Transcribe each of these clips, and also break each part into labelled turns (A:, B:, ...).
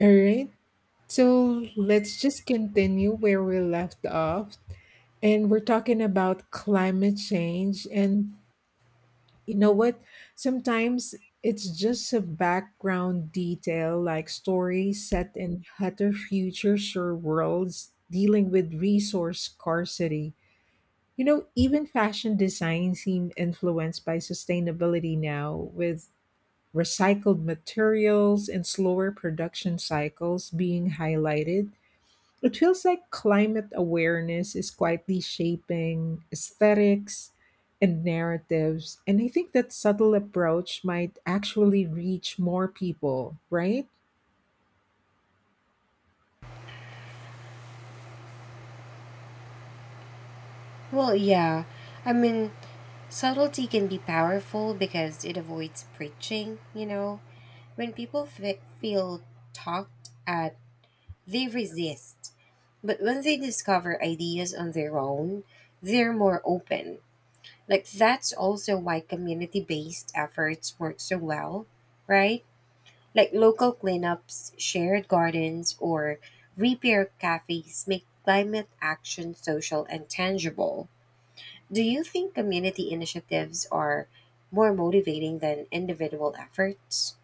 A: All right. So let's just continue where we left off. And we're talking about climate change. And you know what? Sometimes it's just a background detail, like stories set in hotter futures or worlds dealing with resource scarcity. You know, even fashion design seem influenced by sustainability now, with recycled materials and slower production cycles being highlighted. It feels like climate awareness is quietly shaping aesthetics and narratives. And I think that subtle approach might actually reach more people, right?
B: Well, yeah. I mean, subtlety can be powerful because it avoids preaching, When people feel talked at, they resist. But when they discover ideas on their own, they're more open. Like, that's also why community based efforts work so well, right? Like, local cleanups, shared gardens, or repair cafes make climate action social and tangible. Do you think community initiatives are more motivating than individual efforts?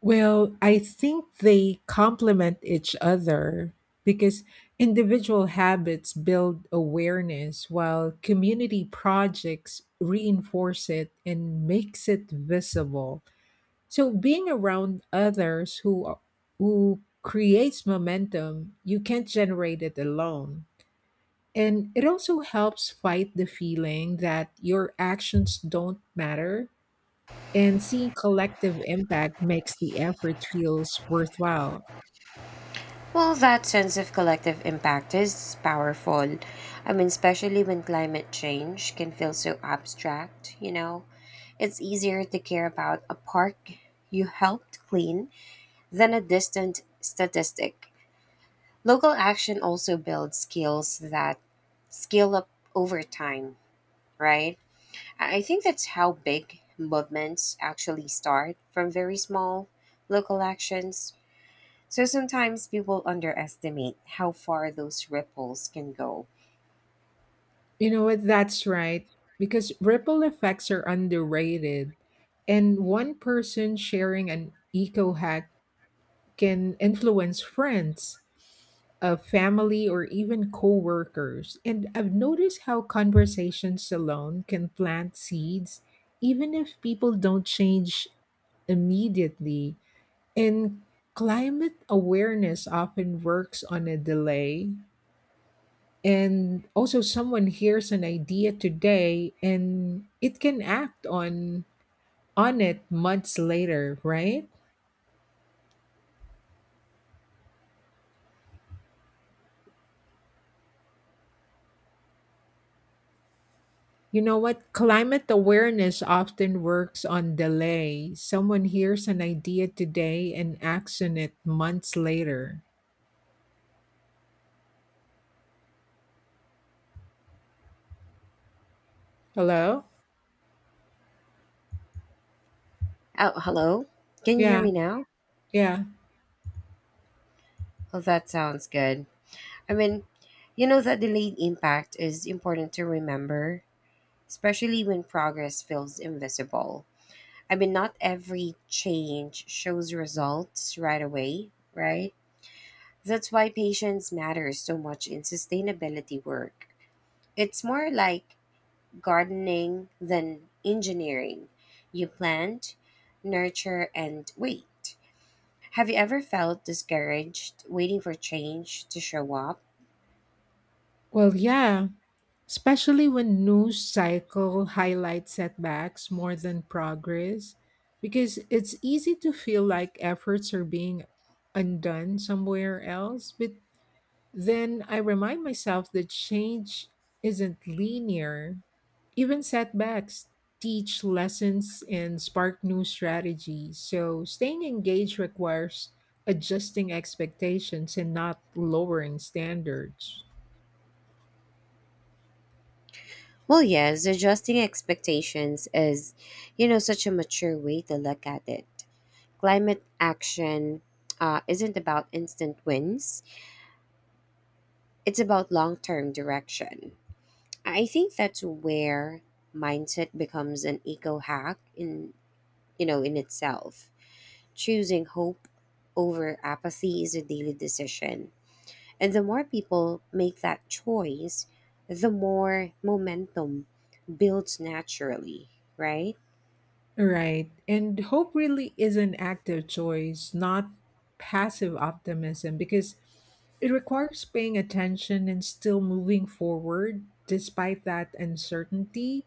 A: Well, I think they complement each other because individual habits build awareness while community projects reinforce it and makes it visible. So being around others who creates momentum, you can't generate it alone. And it also helps fight the feeling that your actions don't matter and seeing collective impact makes the effort feels worthwhile.
B: Well, that sense of collective impact is powerful. Especially when climate change can feel so abstract, you know? It's easier to care about a park you helped clean than a distant statistic. Local action also builds skills that scale up over time, right? I think that's how big movements actually start from very small local actions. So sometimes people underestimate how far those ripples can go.
A: You know what? That's right, because ripple effects are underrated and one person sharing an eco hack can influence friends of family or even coworkers. And I've noticed how conversations alone can plant seeds, even if people don't change immediately. And climate awareness often works on a delay. And also, someone hears an idea today and it can act on it months later, right? You know what? Climate awareness often works on delay. Someone hears an idea today and acts on it months later. Hello?
B: Oh, hello? Can you hear
A: Yeah,
B: me now?
A: yeah.
B: Oh, that sounds good. I mean, that delayed impact is important to remember, especially when progress feels invisible. Not every change shows results right away, right? That's why patience matters so much in sustainability work. It's more like gardening than engineering. You plant, nurture, and wait. Have you ever felt discouraged waiting for change to show up?
A: Well, yeah. Especially when news cycle highlights setbacks more than progress, because it's easy to feel like efforts are being undone somewhere else. But then I remind myself that change isn't linear. Even setbacks teach lessons and spark new strategies. So staying engaged requires adjusting expectations and not lowering standards.
B: Well, yes, adjusting expectations is, such a mature way to look at it. Climate action isn't about instant wins, it's about long term direction. I think that's where mindset becomes an eco hack in in itself. Choosing hope over apathy is a daily decision. And the more people make that choice, the more momentum builds naturally, right?
A: Right. And hope really is an active choice, not passive optimism, because it requires paying attention and still moving forward despite that uncertainty.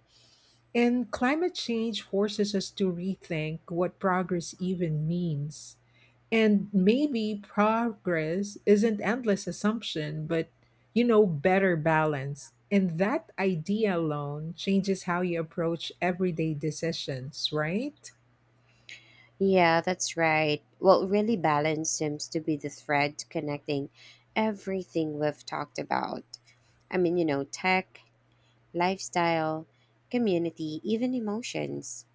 A: And climate change forces us to rethink what progress even means. And maybe progress isn't endless assumption, but you know, better balance. And that idea alone changes how you approach everyday decisions, right?
B: Yeah, that's right. Well, really balance seems to be the thread connecting everything we've talked about. Tech, lifestyle, community, even emotions.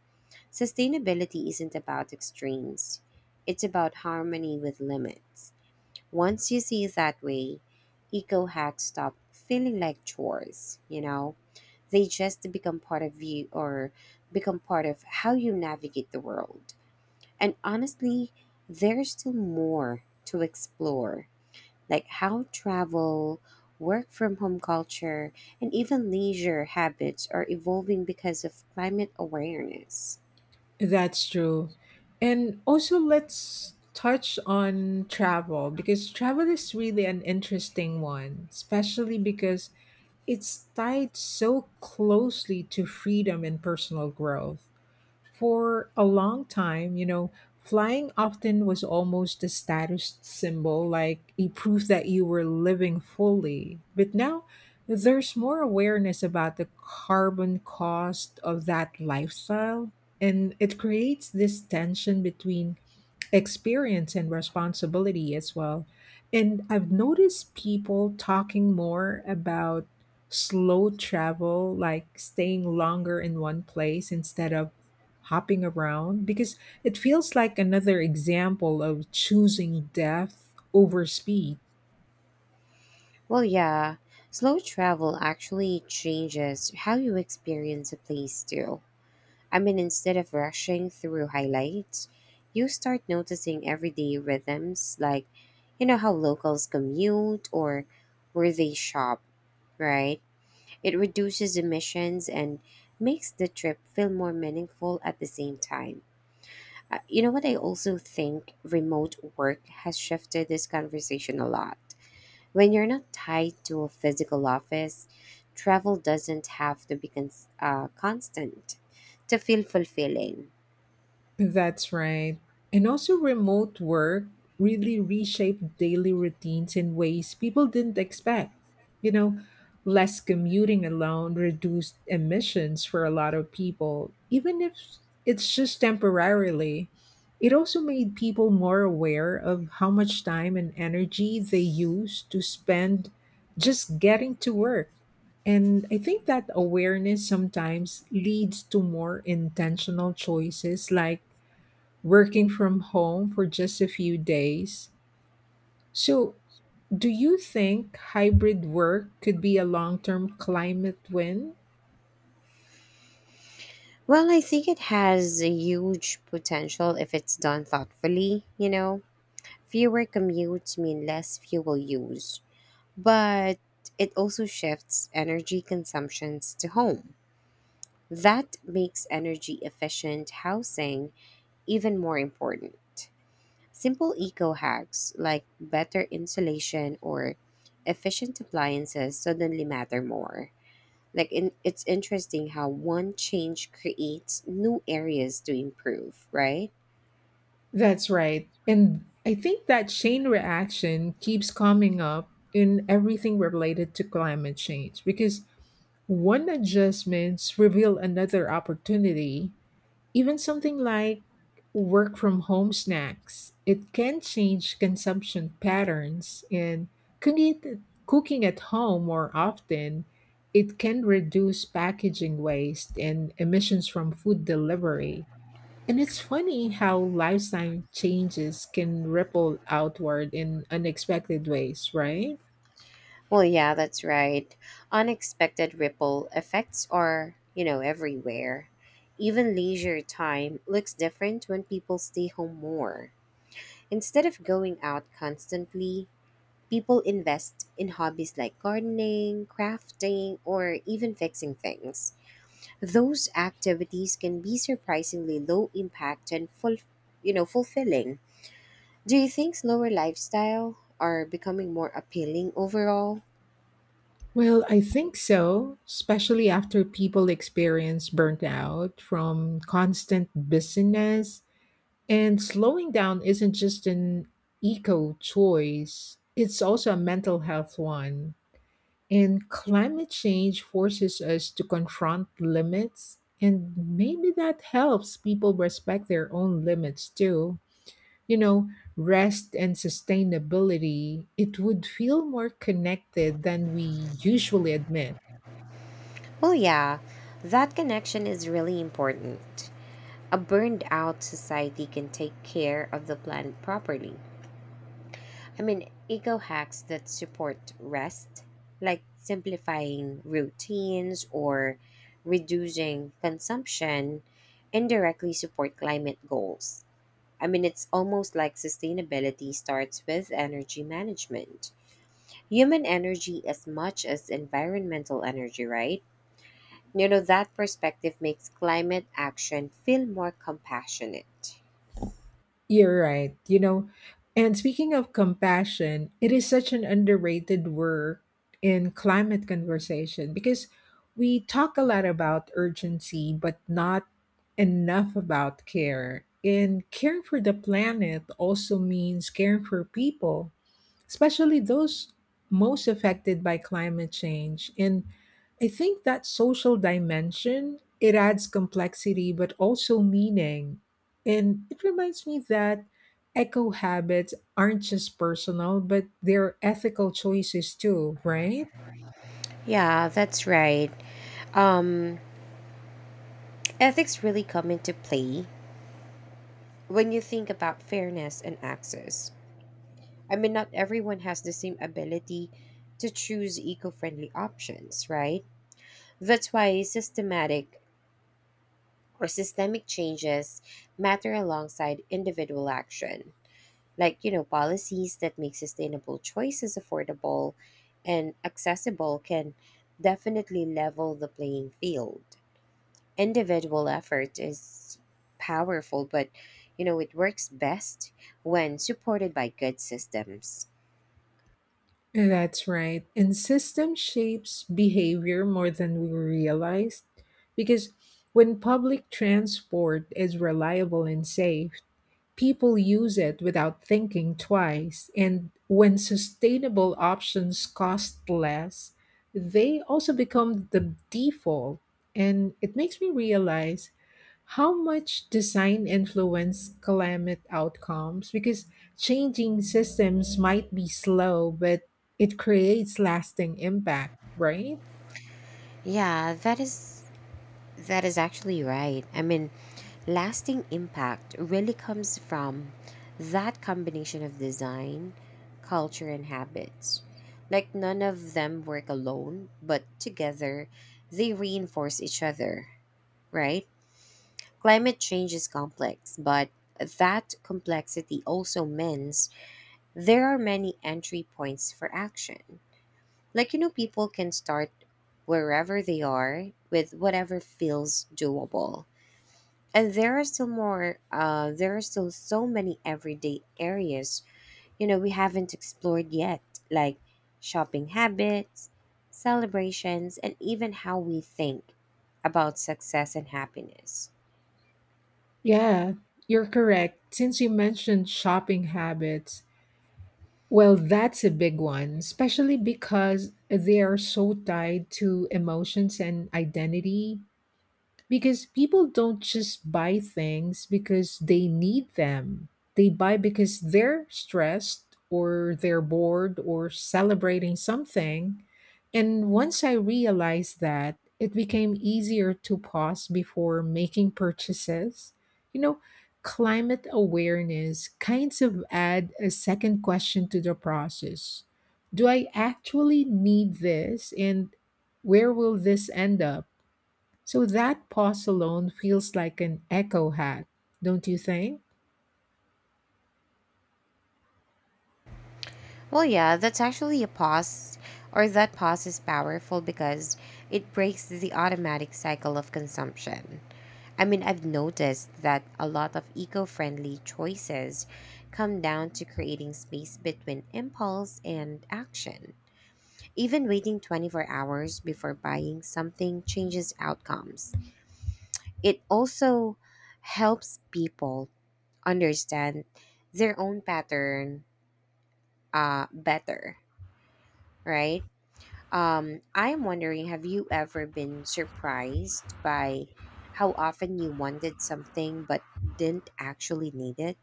B: Sustainability isn't about extremes, it's about harmony with limits. Once you see it that way, eco hacks stop feeling like chores, you know? They just become part of you or become part of how you navigate the world. And honestly, there's still more to explore, like how travel, work from home culture, and even leisure habits are evolving because of climate awareness.
A: That's true. And also, let's touch on travel because travel is really an interesting one, especially because it's tied so closely to freedom and personal growth. For a long time, you know, flying often was almost a status symbol, like a proof that you were living fully. But now there's more awareness about the carbon cost of that lifestyle, and it creates this tension between experience and responsibility as well. And I've noticed people talking more about slow travel, like staying longer in one place instead of hopping around because it feels like another example of choosing depth over speed.
B: Well, yeah, slow travel actually changes how you experience a place, too. Instead of rushing through highlights, you start noticing everyday rhythms like, how locals commute or where they shop, right? It reduces emissions and makes the trip feel more meaningful at the same time. You know what? I also think remote work has shifted this conversation a lot when you're not tied to a physical office, travel doesn't have to be constant to feel fulfilling.
A: That's right. And also, remote work really reshaped daily routines in ways people didn't expect. You know, less commuting alone reduced emissions for a lot of people, even if it's just temporarily. It also made people more aware of how much time and energy they use to spend just getting to work. And I think that awareness sometimes leads to more intentional choices like working from home for just a few days. So, do you think hybrid work could be a long term climate win?
B: Well, I think it has a huge potential if it's done thoughtfully, you know. Fewer commutes mean less fuel use, but it also shifts energy consumptions to home. That makes energy efficient housing even more important. Simple eco hacks like better insulation or efficient appliances suddenly matter more. It's interesting how one change creates new areas to improve, right?
A: That's right. And I think that chain reaction keeps coming up in everything related to climate change because one adjustments reveal another opportunity. Even something like work from home snacks, it can change consumption patterns and cooking at, cooking at home more often, it can reduce packaging waste and emissions from food delivery. And it's funny how lifestyle changes can ripple outward in unexpected ways, right?
B: Well, yeah, that's right. Unexpected ripple effects are, everywhere. Even leisure time looks different when people stay home more. Instead of going out constantly, people invest in hobbies like gardening, crafting, or even fixing things. Those activities can be surprisingly low impact and full, fulfilling. Do you think slower lifestyle are becoming more appealing overall?
A: Well, I think so, especially after people experience burnout from constant busyness. And slowing down isn't just an eco choice, it's also a mental health one. And climate change forces us to confront limits. And maybe that helps people respect their own limits too. You know, rest and sustainability, it would feel more connected than we usually admit.
B: Well, yeah, that connection is really important. A burned out society can take care of the planet properly. Eco hacks that support rest, like simplifying routines or reducing consumption, indirectly support climate goals. It's almost like sustainability starts with energy management. Human energy as much as environmental energy, right? You know, that perspective makes climate action feel more compassionate.
A: You're right. You know, and speaking of compassion, it is such an underrated word in climate conversation because we talk a lot about urgency, but not enough about care. And caring for the planet also means caring for people, especially those most affected by climate change. And I think that social dimension, it adds complexity but also meaning. And it reminds me that eco habits aren't just personal, but they're ethical choices too, right?
B: Yeah, that's right. Um, ethics really come into play when you think about fairness and access. Not everyone has the same ability to choose eco friendly options, right? That's why systematic or systemic changes matter alongside individual action, like, policies that make sustainable choices affordable and accessible can definitely level the playing field. Individual effort is powerful, but it works best when supported by good systems.
A: That's right. And system shapes behavior more than we realize because when public transport is reliable and safe, people use it without thinking twice. And when sustainable options cost less, they also become the default. And it makes me realize how much design influence climate outcomes. Because changing systems might be slow, but it creates lasting impact, right?
B: Yeah, that is that is actually right. Lasting impact really comes from that combination of design, culture and habits. Like none of them work alone, but together they reinforce each other, right? Climate change is complex, but that complexity also means there are many entry points for action. Like, people can start wherever they are with whatever feels doable. And there are still so many everyday areas, we haven't explored yet, like shopping habits, celebrations, and even how we think about success and happiness.
A: Yeah, you're correct. Since you mentioned shopping habits, well, that's a big one, especially because they are so tied to emotions and identity, because people don't just buy things because they need them. They buy because they're stressed or they're bored or celebrating something. And once I realized that, it became easier to pause before making purchases. You know, climate awareness kinds of add a second question to the process. Do I actually need this? And where will this end up? So that pause alone feels like an echo hat, don't you think?
B: Well, yeah, that's actually a pause, or that pause is powerful because it breaks the automatic cycle of consumption. I've noticed that a lot of eco friendly choices come down to creating space between impulse and action. Even waiting 24 hours before buying something changes outcomes. It also helps people understand their own pattern better, right? I'm wondering, have you ever been surprised by how often you wanted something but didn't actually need it?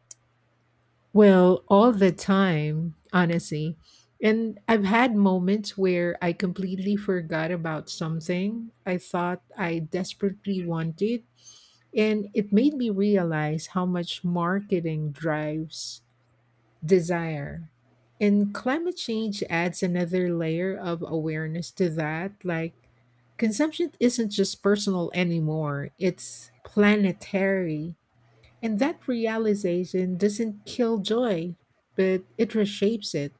A: Well, all the time, honestly. And I've had moments where I completely forgot about something I thought I desperately wanted. And it made me realize how much marketing drives desire. And climate change adds another layer of awareness to that. Like, consumption isn't just personal anymore, it's planetary. And that realization doesn't kill joy, but it reshapes it.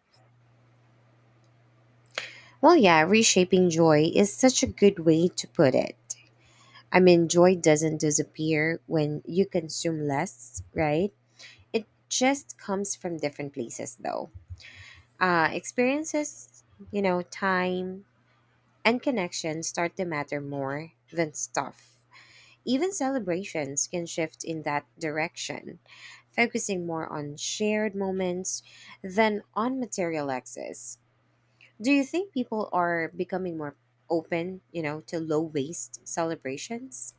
B: Well, yeah, reshaping joy is such a good way to put it. Joy doesn't disappear when you consume less, right? It just comes from different places, though. Experiences, time and connection start to matter more than stuff. Even celebrations can shift in that direction, focusing more on shared moments than on material excess. Do you think people are becoming more open, to low waste celebrations?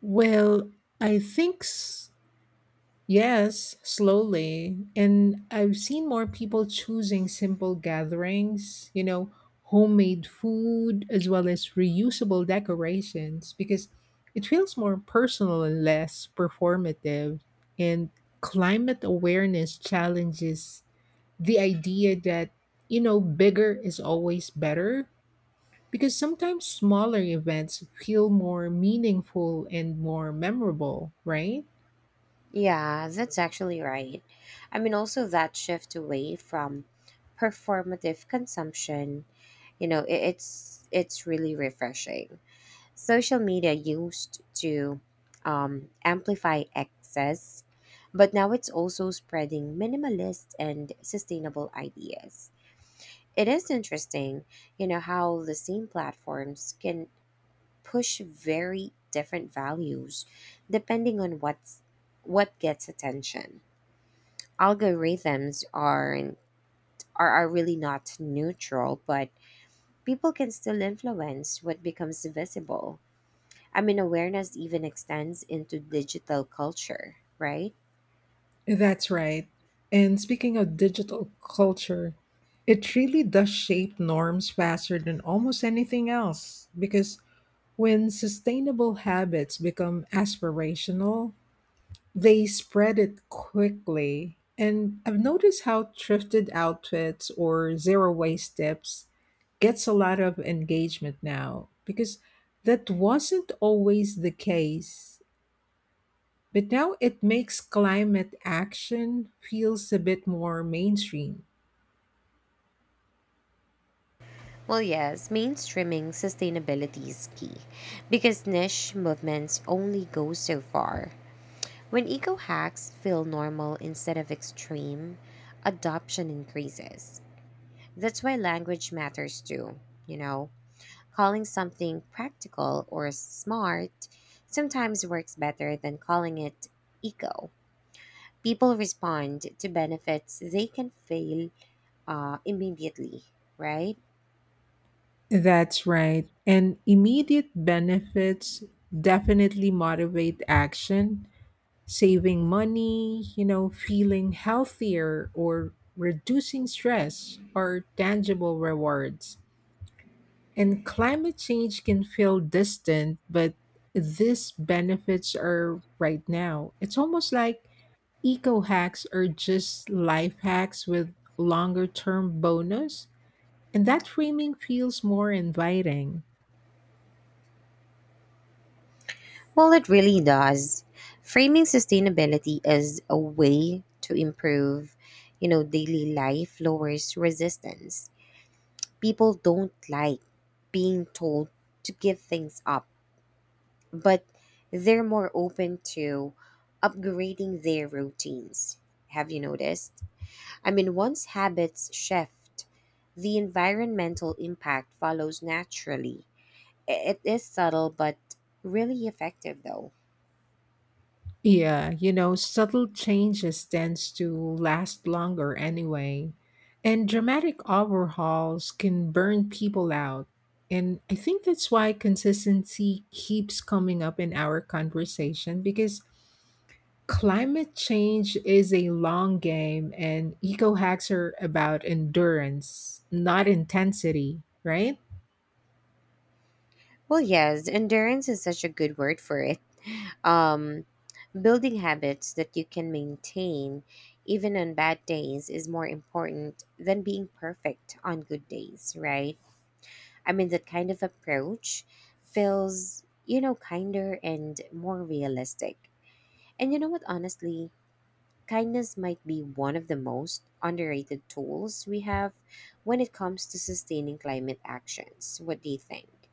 A: Well, I think s- yes, slowly. And I've seen more people choosing simple gatherings, you know, homemade food as well as reusable decorations because it feels more personal and less performative. And climate awareness challenges the idea that, you know, bigger is always better because sometimes smaller events feel more meaningful and more memorable, right?
B: Yeah, that's actually right. Also that shift away from performative consumption, it's really refreshing. Social media used to amplify excess, but now it's also spreading minimalist and sustainable ideas. It is interesting, how the same platforms can push very different values depending on what gets attention. Algorithms are really not neutral, but people can still influence what becomes visible. Awareness even extends into digital culture, right?
A: That's right. And speaking of digital culture, it really does shape norms faster than almost anything else because when sustainable habits become aspirational, they spread it quickly. And I've noticed how thrifted outfits or zero waste tips gets a lot of engagement now because that wasn't always the case but now it makes climate action feels a bit more mainstream.
B: Well, yes, mainstreaming sustainability is key because niche movements only go so far. When eco hacks feel normal instead of extreme, adoption increases. That's why language matters too, you know? Calling something practical or smart sometimes works better than calling it eco. People respond to benefits they can fail immediately, right?
A: That's right. And immediate benefits definitely motivate action, saving money, you know, feeling healthier or reducing stress are tangible rewards. And climate change can feel distant, but these benefits are right now. It's almost like eco hacks are just life hacks with longer term bonus, and that framing feels more inviting.
B: Well, it really does. Framing sustainability as a way to improve, daily life lowers resistance. People don't like being told to give things up, but they're more open to upgrading their routines. Have you noticed? Once habits shift, the environmental impact follows naturally. It is subtle but really effective, though.
A: Yeah, you know, subtle changes tends to last longer anyway. And dramatic overhauls can burn people out. And I think that's why consistency keeps coming up in our conversation because climate change is a long game, and eco hacks are about endurance, not intensity, right?
B: Well, yes, endurance is such a good word for it. Um, building habits that you can maintain even on bad days is more important than being perfect on good days, right? That kind of approach feels, kinder and more realistic. And you know what, honestly, kindness might be one of the most underrated tools we have when it comes to sustaining climate actions. What do you think?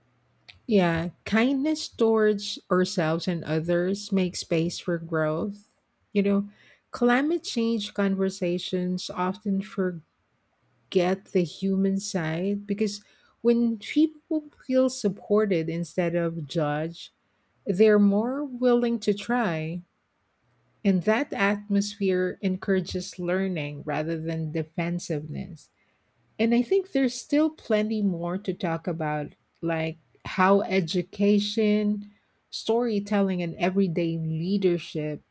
A: Yeah, kindness towards ourselves and others makes space for growth. You know, climate change conversations often forget the human side because when people feel supported instead of judged, they're more willing to try. And that atmosphere encourages learning rather than defensiveness. And I think there's still plenty more to talk about, like how education, storytelling, and everyday leadership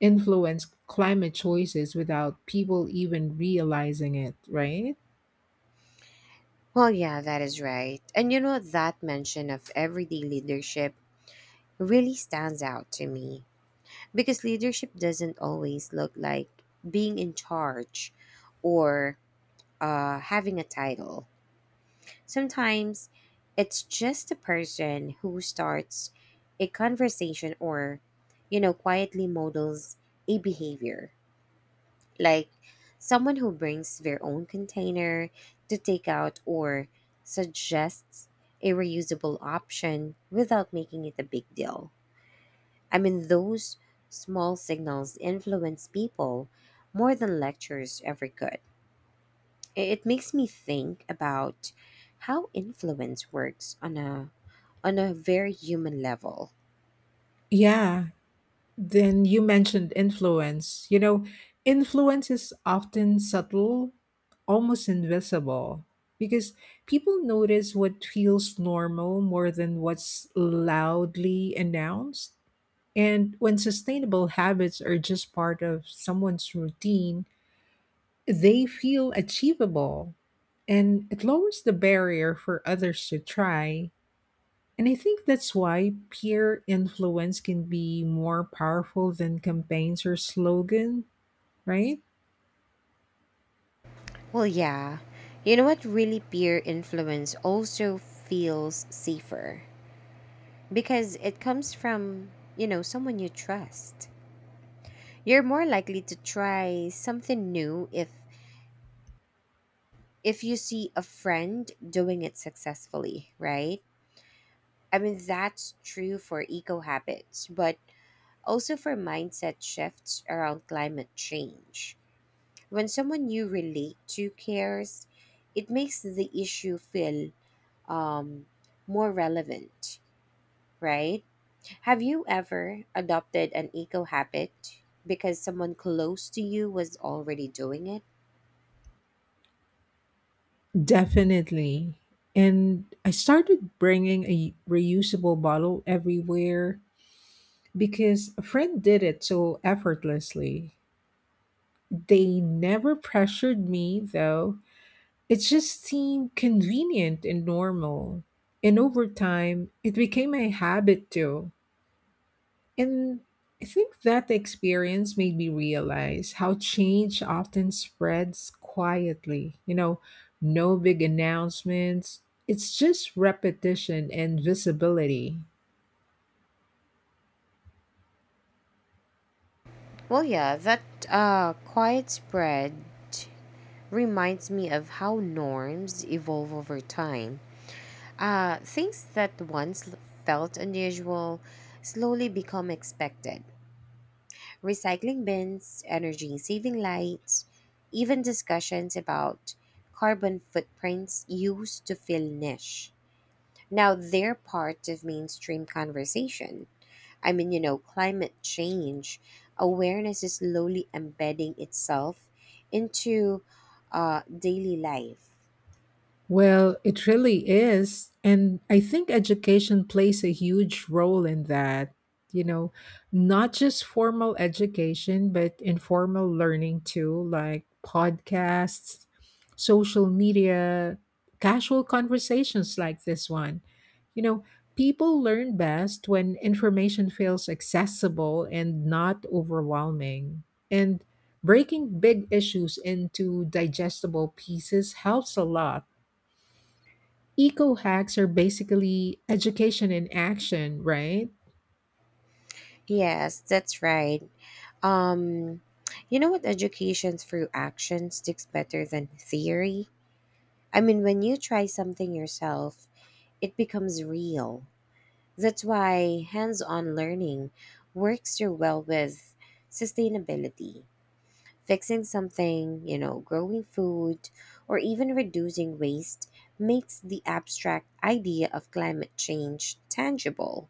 A: influence climate choices without people even realizing it, right?
B: Well, yeah, that is right. And you know, that mention of everyday leadership really stands out to me because leadership doesn't always look like being in charge or having a title. Sometimes it's just the person who starts a conversation or, quietly models a behavior. Like someone who brings their own container to take out or suggests a reusable option without making it a big deal. Those small signals influence people more than lectures ever could. It makes me think about how influence works on a very human level.
A: Yeah, then you mentioned influence. You know, influence is often subtle, almost invisible, because people notice what feels normal more than what's loudly announced. And when sustainable habits are just part of someone's routine, they feel achievable and it lowers the barrier for others to try, and I think that's why peer influence can be more powerful than campaigns or slogan, right?
B: Well, yeah. You know what, really peer influence also feels safer because it comes from, someone you trust. You're more likely to try something new if you see a friend doing it successfully, right? That's true for eco habits, but also for mindset shifts around climate change. When someone you relate to cares, it makes the issue feel um, more relevant, right? Have you ever adopted an eco habit because someone close to you was already doing it?
A: Definitely. And I started bringing a reusable bottle everywhere because a friend did it so effortlessly. They never pressured me, though. It just seemed convenient and normal. And over time, it became a habit too. And I think that experience made me realize how change often spreads quietly. You know, no big announcements, it's just repetition and visibility.
B: Well, yeah, that quiet spread reminds me of how norms evolve over time. Things that once felt unusual slowly become expected. Recycling bins, energy saving lights, even discussions about carbon footprints used to feel niche. Now they're part of mainstream conversation. Climate change awareness is slowly embedding itself into daily life.
A: Well, it really is. And I think education plays a huge role in that. You know, not just formal education, but informal learning too, like podcasts, social media, casual conversations like this one. You know, people learn best when information feels accessible and not overwhelming. And breaking big issues into digestible pieces helps a lot. Eco hacks are basically education in action, right?
B: Yes, that's right. Um, you know what? Education through action sticks better than theory. When you try something yourself, it becomes real. That's why hands on learning works so well with sustainability. Fixing something, growing food, or even reducing waste makes the abstract idea of climate change tangible.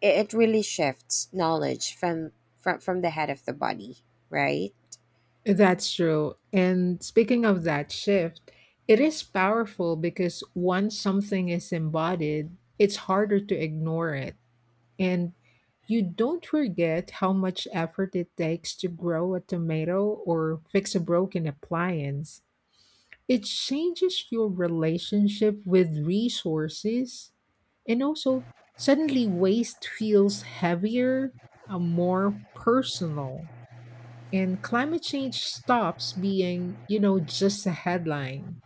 B: It really shifts knowledge from the head of the body, right?
A: That's true. And speaking of that shift, it is powerful because once something is embodied, it's harder to ignore it. And you don't forget how much effort it takes to grow a tomato or fix a broken appliance. It changes your relationship with resources. And also, suddenly waste feels heavier, more personal. And climate change stops being, you know, just a headline.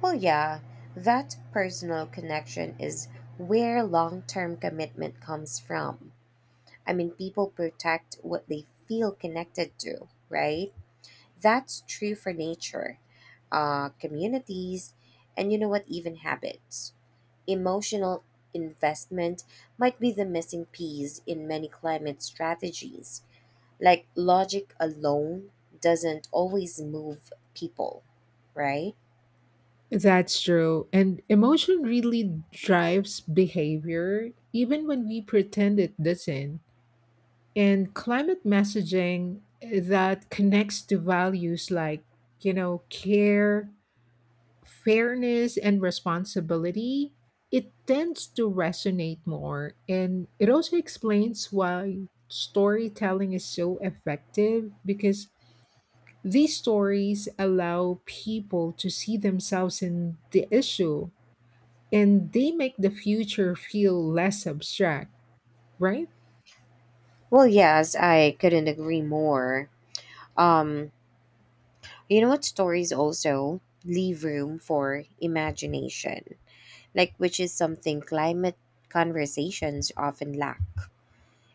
B: Well, yeah, that personal connection is where long-term commitment comes from. People protect what they feel connected to, right? That's true for nature, communities, and you know what even habits. Emotional investment might be the missing piece in many climate strategies. Like logic alone doesn't always move people, right?
A: That's true. And emotion really drives behavior, even when we pretend it doesn't. And climate messaging that connects to values like, you know, care, fairness and responsibility, it tends to resonate more. And it also explains why storytelling is so effective because these stories allow people to see themselves in the issue and they make the future feel less abstract, right?
B: Well, yes, I couldn't agree more. Um, you know what, stories also leave room for imagination, like which is something climate conversations often lack.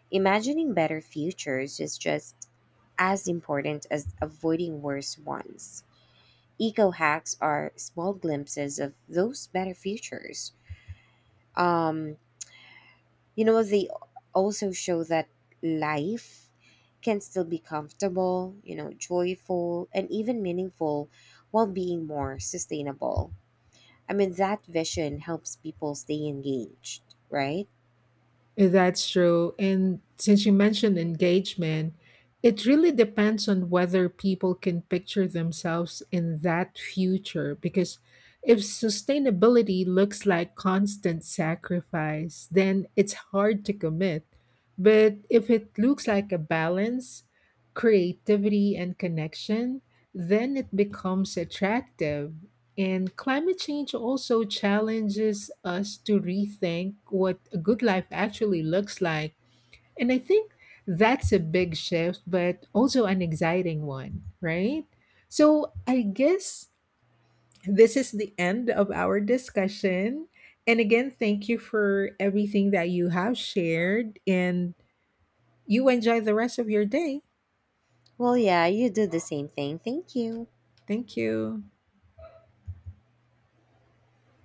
B: Imagining better futures is just as important as avoiding worse ones. Eco hacks are small glimpses of those better futures. Um, they also show that life can still be comfortable, joyful, and even meaningful while being more sustainable. That vision helps people stay engaged, right?
A: That's true. And since you mentioned engagement, it really depends on whether people can picture themselves in that future. Because if sustainability looks like constant sacrifice, then it's hard to commit. But if it looks like a balance, creativity, and connection, then it becomes attractive. And climate change also challenges us to rethink what a good life actually looks like. And I think that's a big shift, but also an exciting one, right? So I guess this is the end of our discussion. And again, thank you for everything that you have shared, and you enjoy the rest of your day.
B: Well, yeah, you do the same thing. Thank you.
A: Thank you.